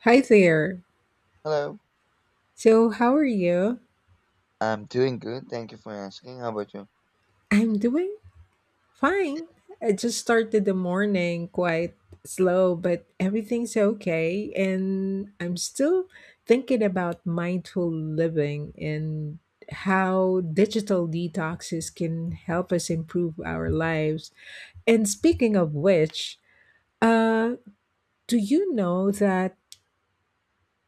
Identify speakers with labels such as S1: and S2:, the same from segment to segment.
S1: Hi there.
S2: Hello.
S1: So, how are you?
S2: I'm doing good. Thank you for asking. How about you?
S1: I'm doing fine. I just started the morning quite slow, but everything's okay. And I'm still thinking about mindful living and how digital detoxes can help us improve our lives. And speaking of which, uh, do you know that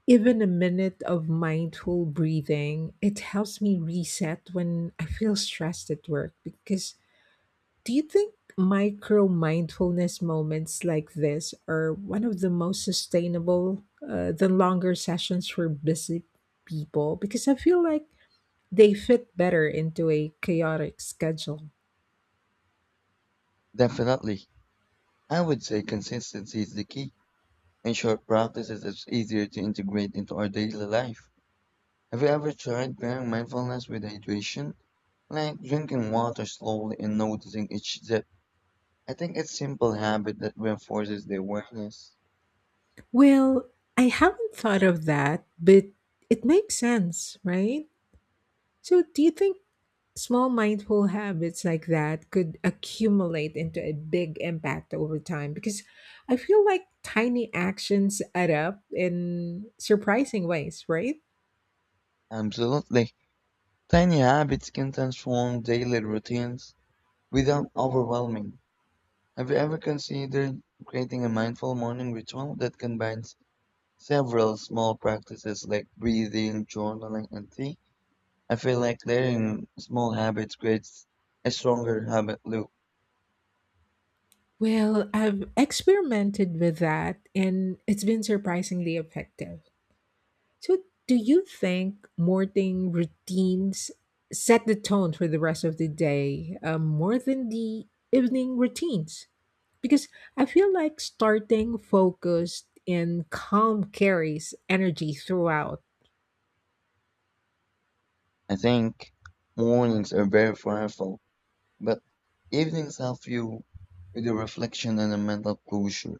S1: even a minute of mindful breathing, it helps me reset when I feel stressed at work. Because do you think micro mindfulness moments like this are one of the most sustainable than longer sessions for busy people? Because I feel like they fit better into a chaotic schedule.
S2: Definitely. I would say consistency is the key. In short, practices is easier to integrate into our daily life. Have you ever tried pairing mindfulness with hydration? Like drinking water slowly and noticing each sip. I think it's simple habit that reinforces the awareness.
S1: Well, I haven't thought of that, but it makes sense, right? So, do you think small mindful habits like that could accumulate into a big impact over time because I feel like tiny actions add up in surprising ways, right?
S2: Absolutely. Tiny habits can transform daily routines without overwhelming. Have you ever considered creating a mindful morning ritual that combines several small practices like breathing, journaling, and tea. I feel like layering small habits creates a stronger habit loop.
S1: Well, I've experimented with that and it's been surprisingly effective. So, do you think morning routines set the tone for the rest of the day more than the evening routines? Because I feel like starting focused and calm carries energy throughout.
S2: I think mornings are very powerful, but evenings help you with the reflection and the mental closure.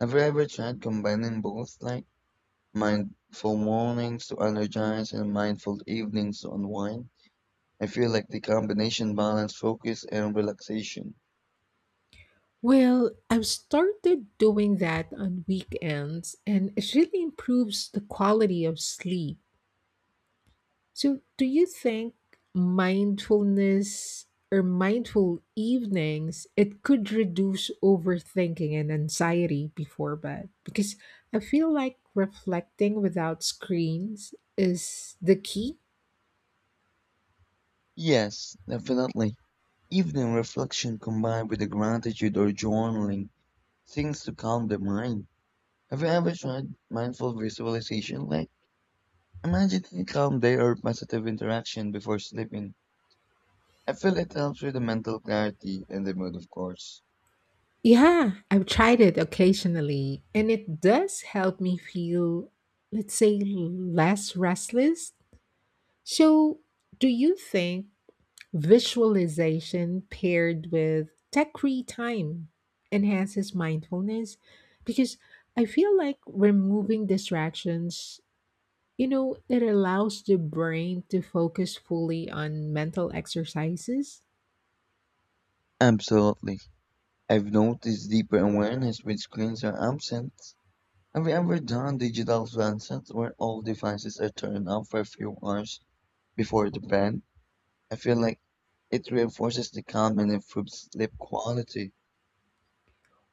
S2: Have you ever tried combining both, like mindful mornings to energize and mindful evenings to unwind? I feel like the combination balance focus and relaxation.
S1: Well, I've started doing that on weekends, and it really improves the quality of sleep. So, do you think mindfulness or mindful evenings it could reduce overthinking and anxiety before bed? Because I feel like reflecting without screens is the key.
S2: Yes, definitely. Evening reflection combined with the gratitude or journaling seems to calm the mind. Have you ever tried mindful visualization? Like imagining a calm day or positive interaction before sleeping. I feel it helps with the mental clarity and the mood, of course.
S1: Yeah, I've tried it occasionally and it does help me feel, let's say, less restless. So, do you think visualization paired with tech free time enhances mindfulness because I feel like removing distractions, you know, it allows the brain to focus fully on mental exercises.
S2: Absolutely. I've noticed deeper awareness when screens are absent. Have you ever done digital sunsets where all devices are turned off for a few hours before the bed? I feel like it reinforces the calm and improves sleep quality.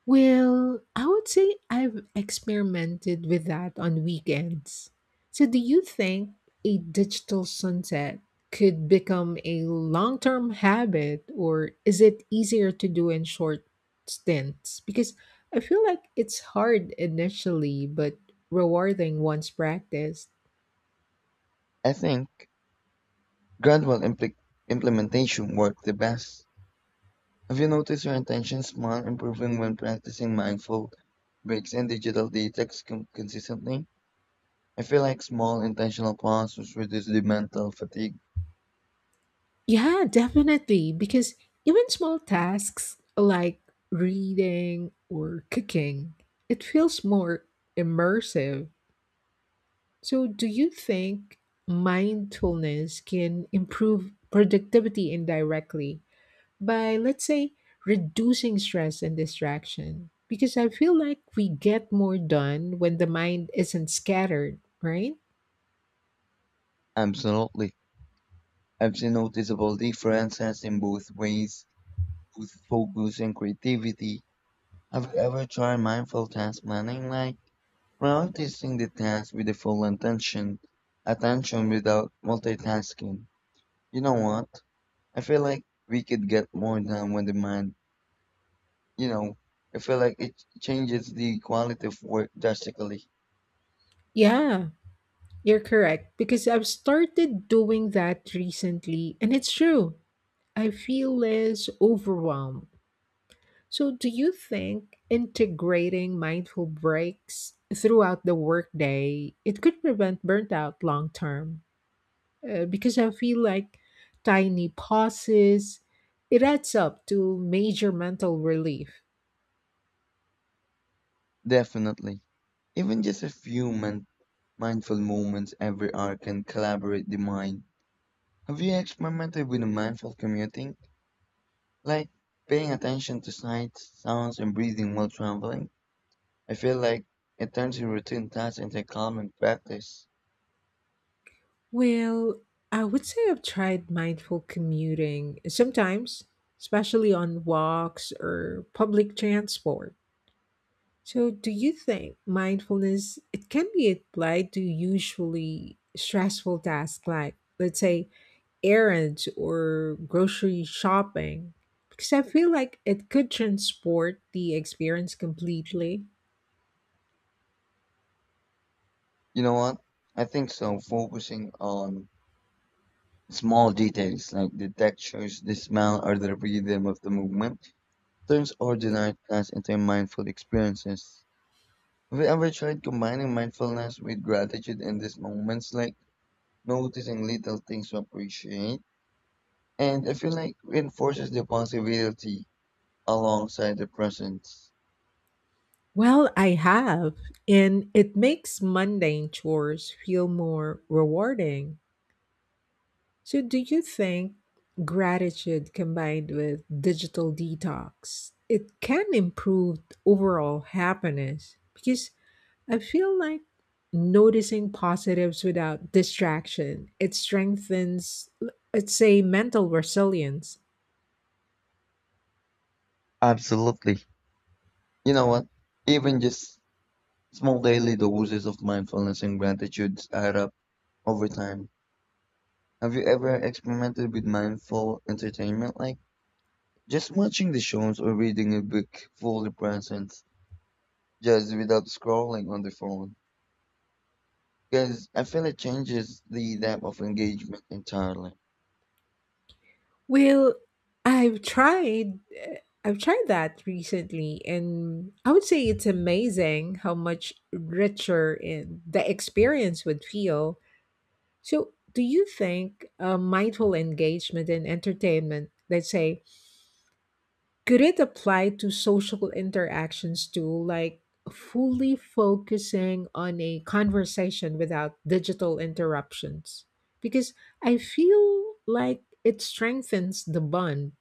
S1: Well, I would say I've experimented with that on weekends. So, do you think a digital sunset could become a long term habit, or is it easier to do in short stints? Because I feel like it's hard initially, but rewarding once practiced.
S2: I think gradual implementation worked the best. Have you noticed your attention span improving when practicing mindful breaks and digital detox consistently? I feel like small intentional pauses reduce the mental fatigue.
S1: Yeah, definitely. Because even small tasks like reading or cooking, it feels more immersive. So, do you think mindfulness can improve productivity indirectly by, let's say, reducing stress and distraction? Because I feel like we get more done when the mind isn't scattered, right?
S2: Absolutely. I've seen noticeable differences in both ways, both focus and creativity. Have you ever tried mindful task planning, like practicing the task with the full intention, attention without multitasking. You know what? I feel like we could get more done when the mind, you know, I feel like it changes the quality of work drastically.
S1: Yeah, you're correct. Because I've started doing that recently, and it's true. I feel less overwhelmed. So, do you think integrating mindful breaks throughout the workday it could prevent burnout long term? Because I feel like tiny pauses it adds up to major mental relief.
S2: Definitely. Even just a few mindful moments every hour can collaborate the mind. Have you experimented with mindful commuting? Like paying attention to sights, sounds, and breathing while traveling? I feel like it turns your routine tasks into common practice.
S1: Well, I would say I've tried mindful commuting sometimes, especially on walks or public transport. So, do you think mindfulness it can be applied to usually stressful tasks like, let's say, errands or grocery shopping? Because I feel like it could transport the experience completely.
S2: You know what? I think so. Focusing on small details like the textures, the smell, or the rhythm of the movement turns ordinary tasks into mindful experiences. Have you ever tried combining mindfulness with gratitude in these moments, like noticing little things to appreciate? And I feel like reinforces the positivity alongside the presence.
S1: Well, I have, and it makes mundane chores feel more rewarding. So, do you think gratitude combined with digital detox it can improve overall happiness? Because I feel like noticing positives without distraction, it strengthens, let's say, mental resilience.
S2: Absolutely. You know what? Even just small daily doses of mindfulness and gratitude add up over time. Have you ever experimented with mindful entertainment, like just watching the shows or reading a book fully present, just without scrolling on the phone? Because I feel it changes the depth of engagement entirely.
S1: Well, I've tried eh, I've tried that recently and I would say it's amazing how much richer in the experience would feel. So, do you think mindful engagement in entertainment, let's say, could it apply to social interactions too, like fully focusing on a conversation without digital interruptions? Because I feel like it strengthens the bond.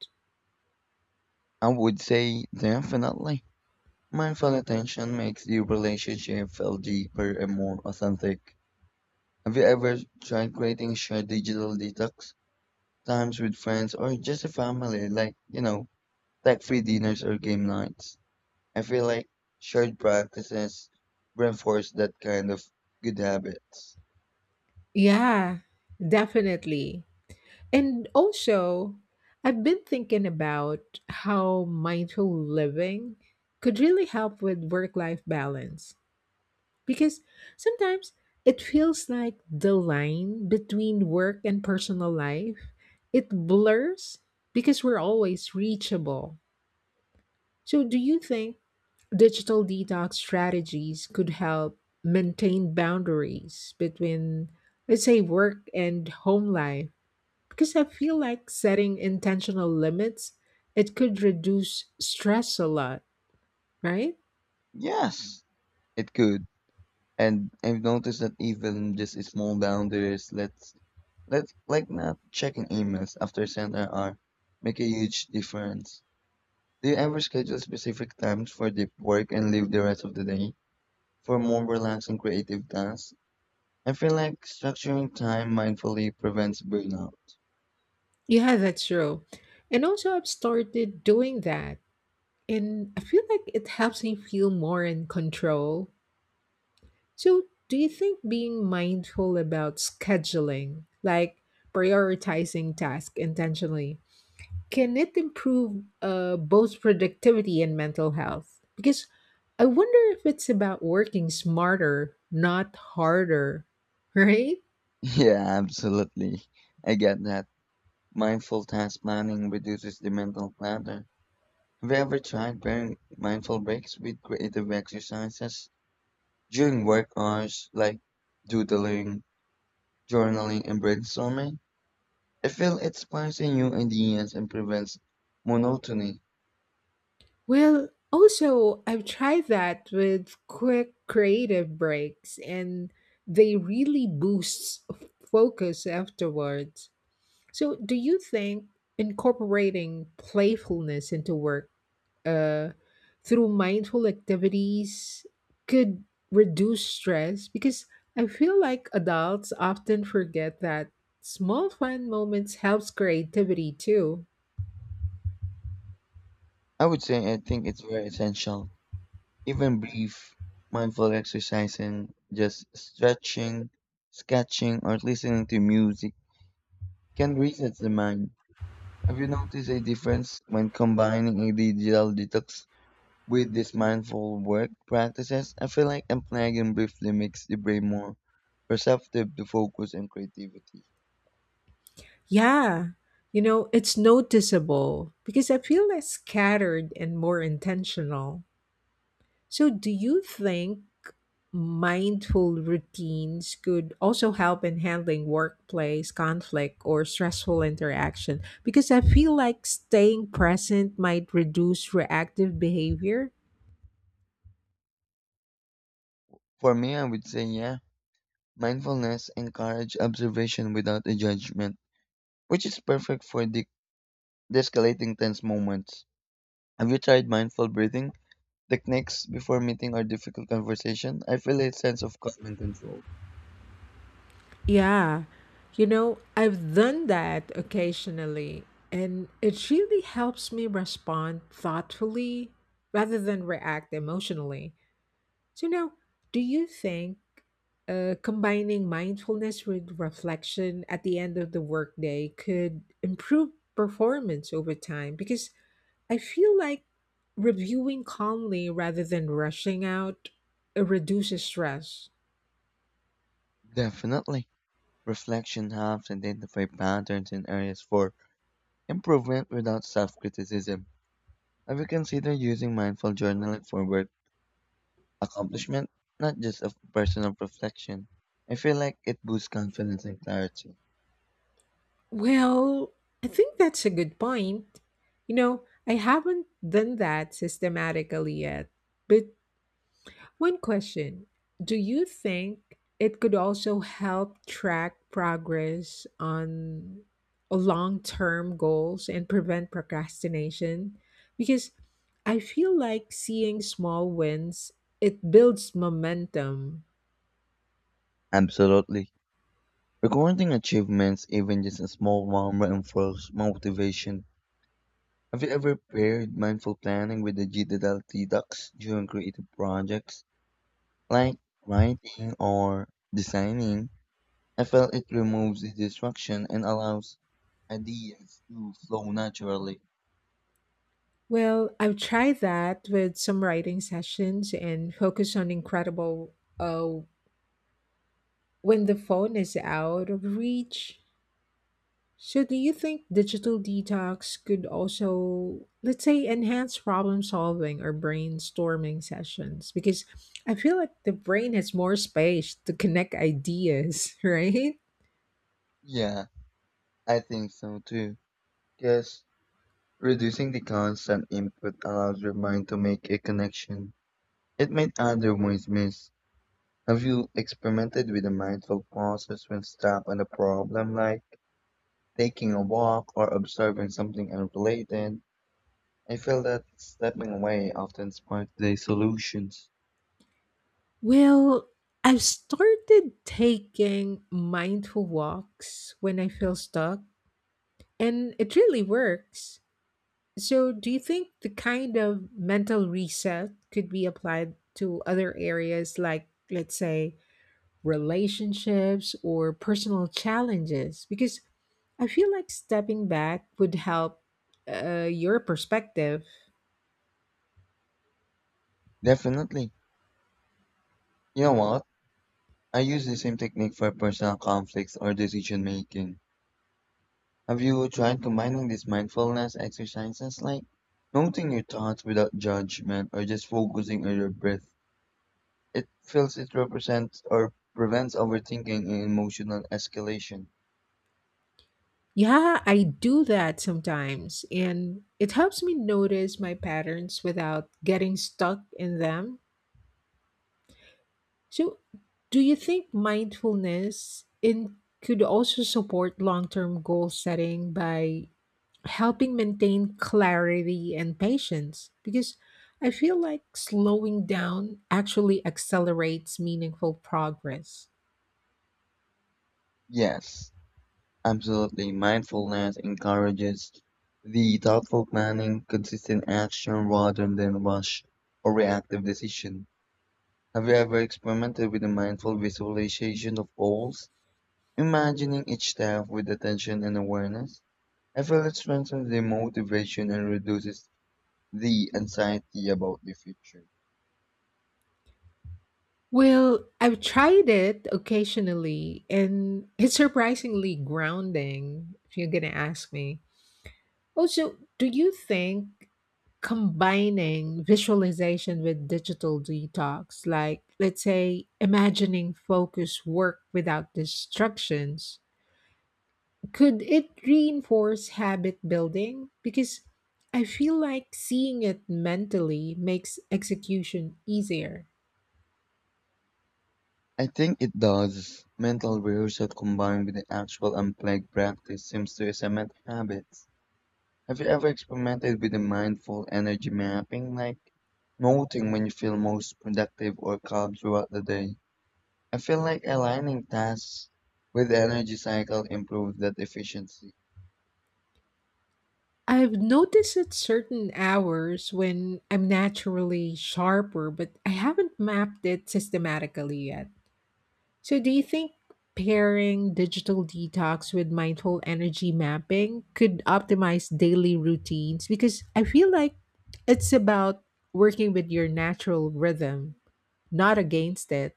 S2: I would say definitely. Mindful attention makes the relationship feel deeper and more authentic. Have you ever tried creating a shared digital detox times with friends or just a family, like, tech free dinners or game nights. I feel like shared practices reinforce that kind of good habits.
S1: Yeah, definitely. And also, I've been thinking about how mindful living could really help with work life balance because sometimes it feels like the line between work and personal life it blurs because we're always reachable. So, do you think digital detox strategies could help maintain boundaries between, let's say, work and home life? Because I feel like setting intentional limits, it could reduce stress a lot, right?
S2: Yes, it could. And I've noticed that even just a small boundaries, let's let like not checking emails after center hour, make a huge difference. Do you ever schedule specific times for deep work and leave the rest of the day for more relaxed and creative tasks? I feel like structuring time mindfully prevents burnout.
S1: Yeah, that's true. And also, I've started doing that. And I feel like it helps me feel more in control. So, do you think being mindful about scheduling, like prioritizing tasks intentionally, can it improve both productivity and mental health? Because I wonder if it's about working smarter, not harder, right?
S2: Yeah, absolutely. I get that. Mindful task planning reduces the mental clutter. Have you ever tried pairing mindful breaks with creative exercises during work hours, like doodling, journaling, and brainstorming? I feel it sparks in new ideas and prevents monotony.
S1: Well, also, I've tried that with quick creative breaks, and they really boost focus afterwards. So, do you think incorporating playfulness into work uh, through mindful activities could reduce stress? Because I feel like adults often forget that small fun moments helps creativity too.
S2: I would say I think it's very essential. Even brief, mindful exercise and just stretching, sketching, or listening to music can reset the mind. Have you noticed a difference when combining a digital detox with these mindful work practices? I feel like unplugging briefly makes the brain more perceptive to focus and creativity.
S1: Yeah, you know, it's noticeable because I feel less scattered and more intentional. So, do you think mindful routines could also help in handling workplace conflict or stressful interaction? Because I feel like staying present might reduce reactive behavior.
S2: For me, I would say, yeah, mindfulness encourages observation without a judgment, which is perfect for de-escalating tense moments. Have you tried mindful breathing techniques before meeting or difficult conversation, I feel a sense of calm and control.
S1: Yeah, you know, I've done that occasionally, and it really helps me respond thoughtfully rather than react emotionally. So, now, do you think combining mindfulness with reflection at the end of the workday could improve performance over time because I feel like reviewing calmly rather than rushing out reduces stress.
S2: Definitely. Reflection helps identify patterns and areas for improvement without self criticism. Have you considered using mindful journaling for work accomplishment, not just of personal reflection? I feel like it boosts confidence and clarity.
S1: Well, I think that's a good point. You know, I haven't done that systematically yet, but one question: do you think it could also help track progress on long term goals and prevent procrastination? Because I feel like seeing small wins, it builds momentum.
S2: Absolutely. Recording achievements, even just a small one, reinforces motivation. Have you ever paired mindful planning with digital detox during creative projects, like writing or designing? I feel it removes the distraction and allows ideas to flow naturally.
S1: Well, I've tried that with some writing sessions and focus on incredible uh, when the phone is out of reach. So, do you think digital detox could also, let's say, enhance problem solving or brainstorming sessions? Because I feel like the brain has more space to connect ideas, right?
S2: Yeah, I think so too. Yes, reducing the constant input allows your mind to make a connection it might otherwise miss. Have you experimented with a mindful process when stuck on a problem, like taking a walk or observing something unrelated, I feel that stepping away often sparks the solutions.
S1: Well, I've started taking mindful walks when I feel stuck, and it really works. So, do you think the kind of mental reset could be applied to other areas like, let's say, relationships, or personal challenges? Because I feel like stepping back would help your perspective.
S2: Definitely. You know what? I use the same technique for personal conflicts or decision making. Have you tried combining these mindfulness exercises, like noting your thoughts without judgment or just focusing on your breath? It feels it represents or prevents overthinking and emotional escalation.
S1: Yeah, I do that sometimes, and it helps me notice my patterns without getting stuck in them. So, do you think mindfulness in could also support long-term goal setting by helping maintain clarity and patience? Because I feel like slowing down actually accelerates meaningful progress.
S2: Yes. Absolutely, mindfulness encourages the thoughtful planning, consistent action rather than rush or reactive decision. Have you ever experimented with a mindful visualization of goals, imagining each step with attention and awareness? I feel it strengthens the motivation and reduces the anxiety about the future.
S1: Well, I've tried it occasionally and it's surprisingly grounding if you're going to ask me. Also, do you think combining visualization with digital detox, like let's say imagining focus work without distractions, could it reinforce habit building? Because I feel like seeing it mentally makes execution easier.
S2: I think it does. Mental rehearsal combined with the actual unplugged practice seems to cement habits. Have you ever experimented with the mindful energy mapping, like noting when you feel most productive or calm throughout the day? I feel like aligning tasks with the energy cycle improves that efficiency.
S1: I've noticed at certain hours when I'm naturally sharper, but I haven't mapped it systematically yet. So, do you think pairing digital detox with mindful energy mapping could optimize daily routines? Because I feel like it's about working with your natural rhythm, not against it.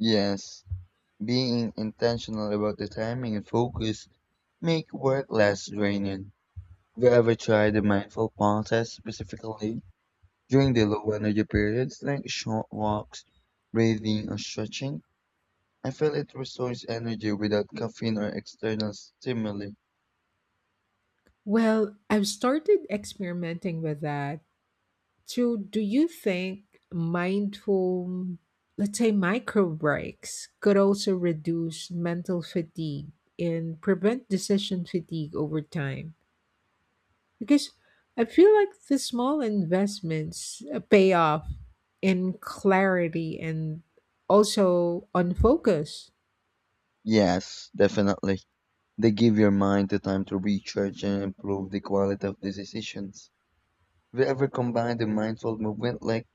S2: Yes, being intentional about the timing and focus make work less draining. Have you ever tried the mindful process specifically during the low energy periods, like short walks, breathing, or stretching? I feel it restores energy without caffeine or external stimuli.
S1: Well, I've started experimenting with that. So, do you think mindful, let's say micro breaks, could also reduce mental fatigue and prevent decision fatigue over time? Because I feel like the small investments pay off in clarity and also on focus.
S2: Yes, definitely. They give your mind the time to recharge and improve the quality of the decisions. Have you ever combined the mindful movement, like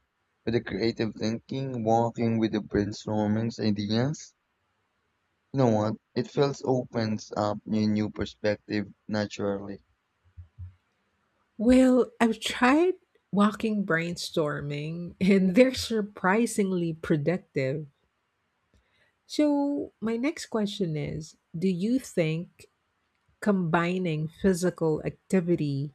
S2: with the creative thinking, walking with the brainstorming ideas? You know what? It feels opens up a new perspective naturally.
S1: Well, I've tried walking brainstorming and they're surprisingly productive. So, my next question is: do you think combining physical activity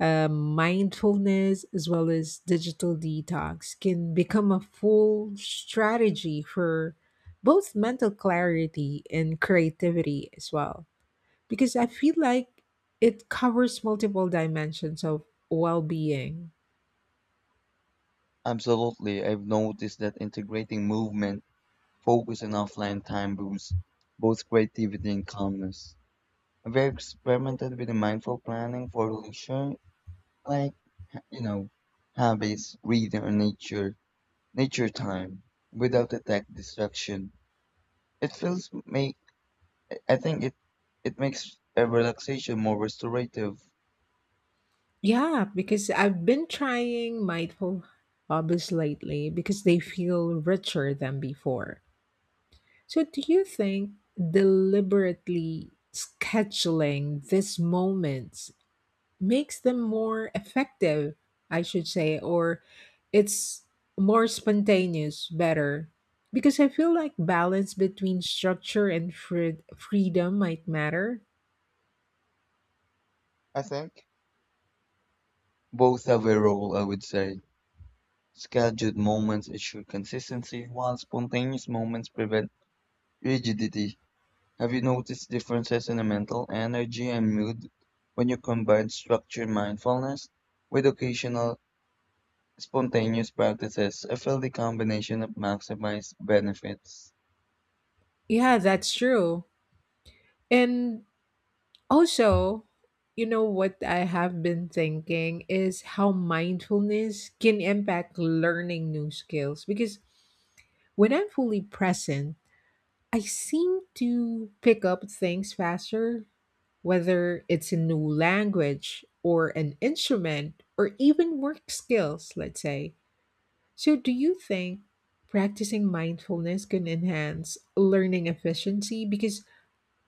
S1: mindfulness as well as digital detox can become a full strategy for both mental clarity and creativity as well because I feel like it covers multiple dimensions of well-being?
S2: Absolutely, I've noticed that integrating movement, focus, and offline time boosts both creativity and calmness. We experimented with mindful planning for leisure, like you know, hobbies, reading, or nature time, without the tech distraction. It feels make. I think it makes a relaxation more restorative.
S1: Yeah, because I've been trying mindful hobbies lately because they feel richer than before. So, do you think deliberately scheduling these moments makes them more effective, I should say, or it's more spontaneous, better. Because I feel like balance between structure and freedom might matter.
S2: I think both have a role. I would say scheduled moments ensure consistency, while spontaneous moments prevent rigidity. Have you noticed differences in the mental energy and mood when you combine structured mindfulness with occasional spontaneous practices? I feel the combination of maximized benefits.
S1: Yeah, that's true. And also, you know what I have been thinking is how mindfulness can impact learning new skills. Because when I'm fully present, I seem to pick up things faster whether it's a new language or an instrument or even work skills, let's say. So, do you think practicing mindfulness can enhance learning efficiency? Because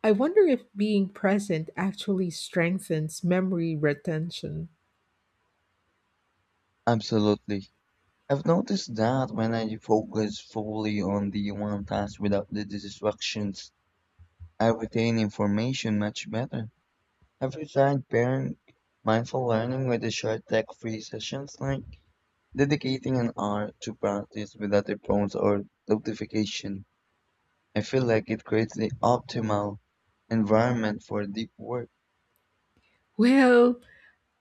S1: I wonder if being present actually strengthens memory retention.
S2: Absolutely. I've noticed that when I focus fully on the one task without the distractions, I retain information much better. Have you tried pairing mindful learning with the short tech-free sessions, like dedicating an hour to practice without a prompt or notification, I feel like it creates the optimal environment for deep work.
S1: Well,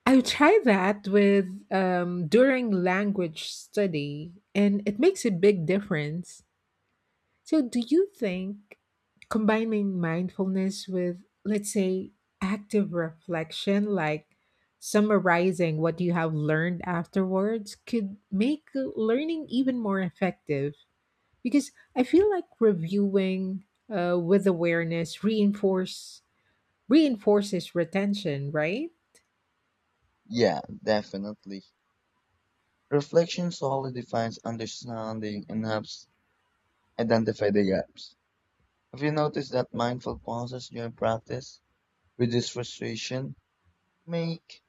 S1: I tried that with during language study, and it makes a big difference. So, do you think combining mindfulness with, let's say, active reflection, like summarizing what you have learned afterwards, could make learning even more effective? Because I feel like reviewing with awareness reinforces retention, right?
S2: Yeah, definitely. Reflection solidifies understanding and helps identify the gaps. Have you noticed that mindful pauses during practice reduce frustration, make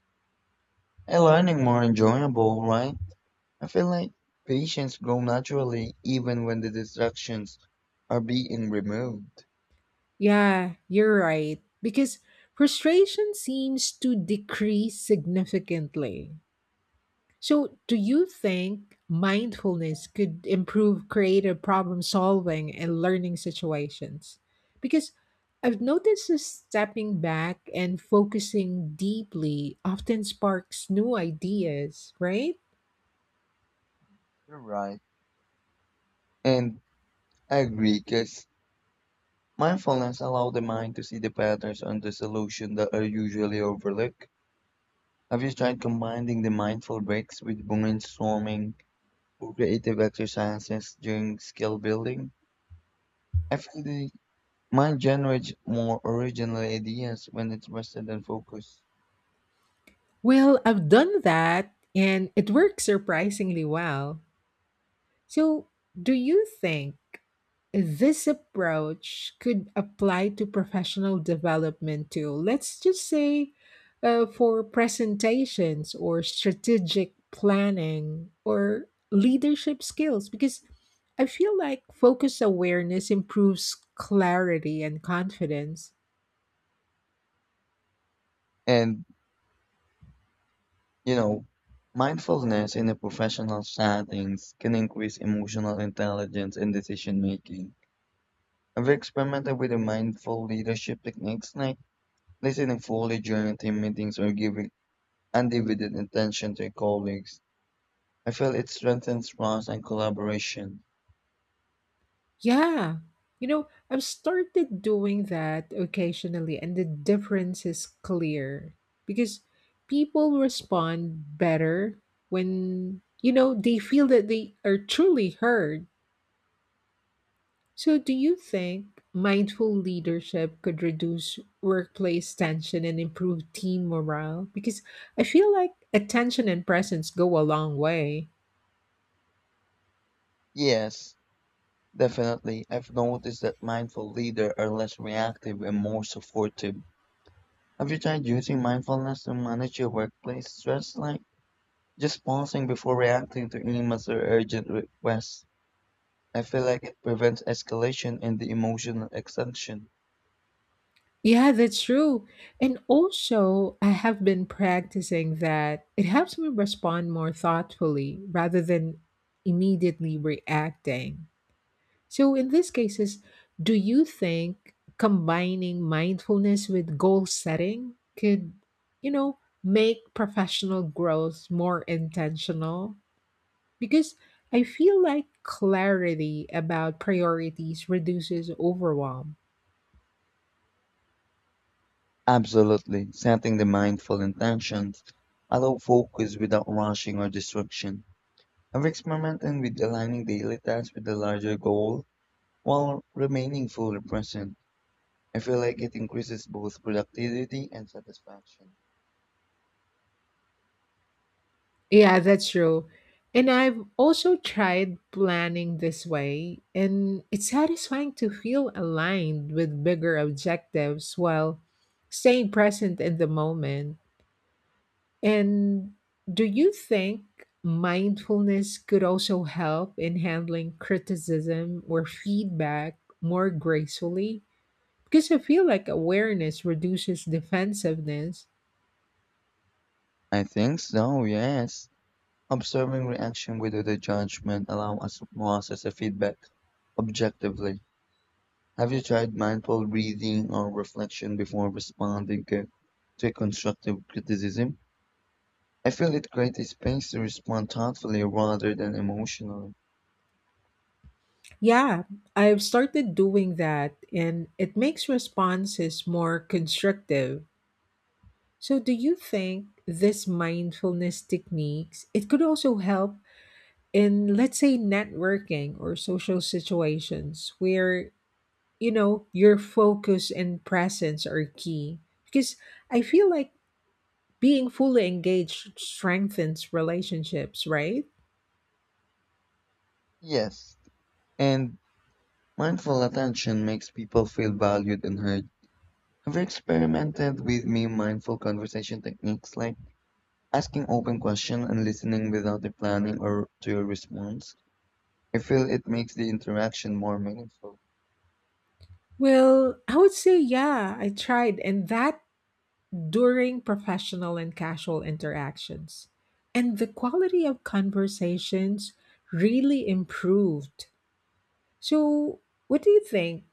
S2: a learning more enjoyable, right? I feel like patients grow naturally even when the distractions are being removed.
S1: Yeah, you're right. Because frustration seems to decrease significantly. So, do you think mindfulness could improve creative problem solving and learning situations? Because I've noticed that stepping back and focusing deeply often sparks new ideas, right?
S2: You're right. And I agree, because mindfulness allows the mind to see the patterns and the solution that are usually overlooked. Have you tried combining the mindful breaks with brainstorming or creative exercises during skill building? I feel the mind generates more original ideas when it's rested and focused.
S1: Well, I've done that and it works surprisingly well. So, do you think this approach could apply to professional development too? Let's just say for presentations or strategic planning or leadership skills, because I feel like focus awareness improves clarity and confidence.
S2: And, you know, mindfulness in a professional settings can increase emotional intelligence and decision making. Have you experimented with the mindful leadership techniques, Nay? Listening fully during team meetings or giving undivided attention to colleagues. I feel it strengthens trust and collaboration.
S1: Yeah. You know, I've started doing that occasionally, and the difference is clear because people respond better when, you know, they feel that they are truly heard. So, do you think mindful leadership could reduce workplace tension and improve team morale? Because I feel like attention and presence go a long way.
S2: Yes, definitely. I've noticed that mindful leaders are less reactive and more supportive. Have you tried using mindfulness to manage your workplace stress, like just pausing before reacting to emails or urgent requests? I feel like it prevents escalation and the emotional extension.
S1: Yeah, that's true. And also, I have been practicing that it helps me respond more thoughtfully rather than immediately reacting. So, in these cases, do you think combining mindfulness with goal setting could, you know, make professional growth more intentional? Because I feel like clarity about priorities reduces overwhelm.
S2: Absolutely. Setting the mindful intentions allow focus without rushing or distraction. I'm experimenting with aligning daily tasks with the larger goal while remaining fully present. I feel like it increases both productivity and satisfaction.
S1: Yeah, that's true. And I've also tried planning this way, and it's satisfying to feel aligned with bigger objectives while staying present in the moment. And do you think mindfulness could also help in handling criticism or feedback more gracefully? Because I feel like awareness reduces defensiveness.
S2: I think so, yes. Observing reaction without the judgment allow us to process the feedback objectively. Have you tried mindful breathing or reflection before responding to a constructive criticism? I feel it creates space to respond thoughtfully rather than emotionally.
S1: Yeah, I've started doing that and it makes responses more constructive. So do you think this mindfulness techniques it could also help in let's say networking or social situations where you know your focus and presence are key? Because I feel like being fully engaged strengthens relationships, right?
S2: Yes. And mindful attention makes people feel valued and heard. Have you experimented with me mindful conversation techniques, like asking open questions and listening without the planning or to your response? I feel it makes the interaction more meaningful.
S1: Well, I would say, yeah, I tried, and that during professional and casual interactions. And the quality of conversations really improved. So, what do you think?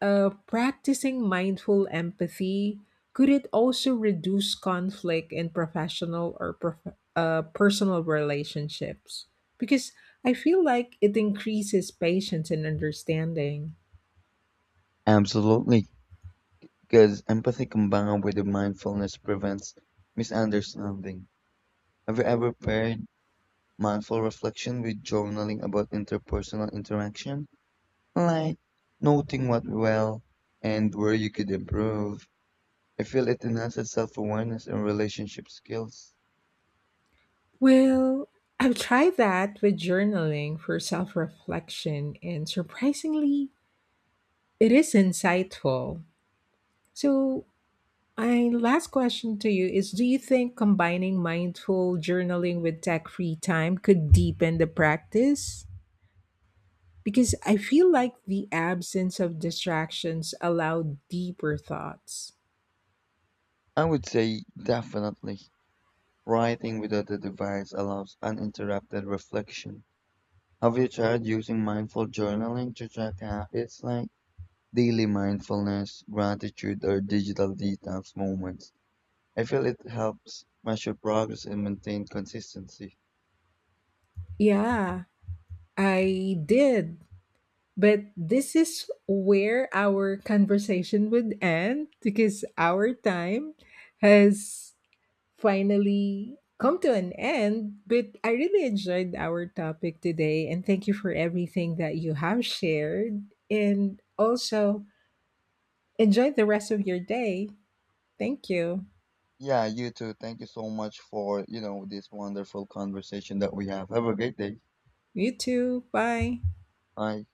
S1: Practicing mindful empathy, could it also reduce conflict in professional or personal relationships? Because I feel like it increases patience and understanding.
S2: Absolutely, because empathy combined with the mindfulness prevents misunderstanding. Have you ever paired mindful reflection with journaling about interpersonal interaction, like noting what went well and where you could improve. I feel it enhances self awareness and relationship skills.
S1: Well, I've tried that with journaling for self reflection, and surprisingly, it is insightful. So, my last question to you is: do you think combining mindful journaling with tech free time could deepen the practice? Because I feel like the absence of distractions allow deeper thoughts.
S2: I would say definitely. Writing without a device allows uninterrupted reflection. Have you tried using mindful journaling to track habits like daily mindfulness, gratitude, or digital detox moments? I feel it helps measure progress and maintain consistency.
S1: Yeah, I did. But this is where our conversation would end because our time has finally come to an end. But I really enjoyed our topic today and thank you for everything that you have shared. And also enjoy the rest of your day. Thank you.
S2: Yeah, you too. Thank you so much for, this wonderful conversation that we have. Have a great day.
S1: You too. Bye.
S2: Bye.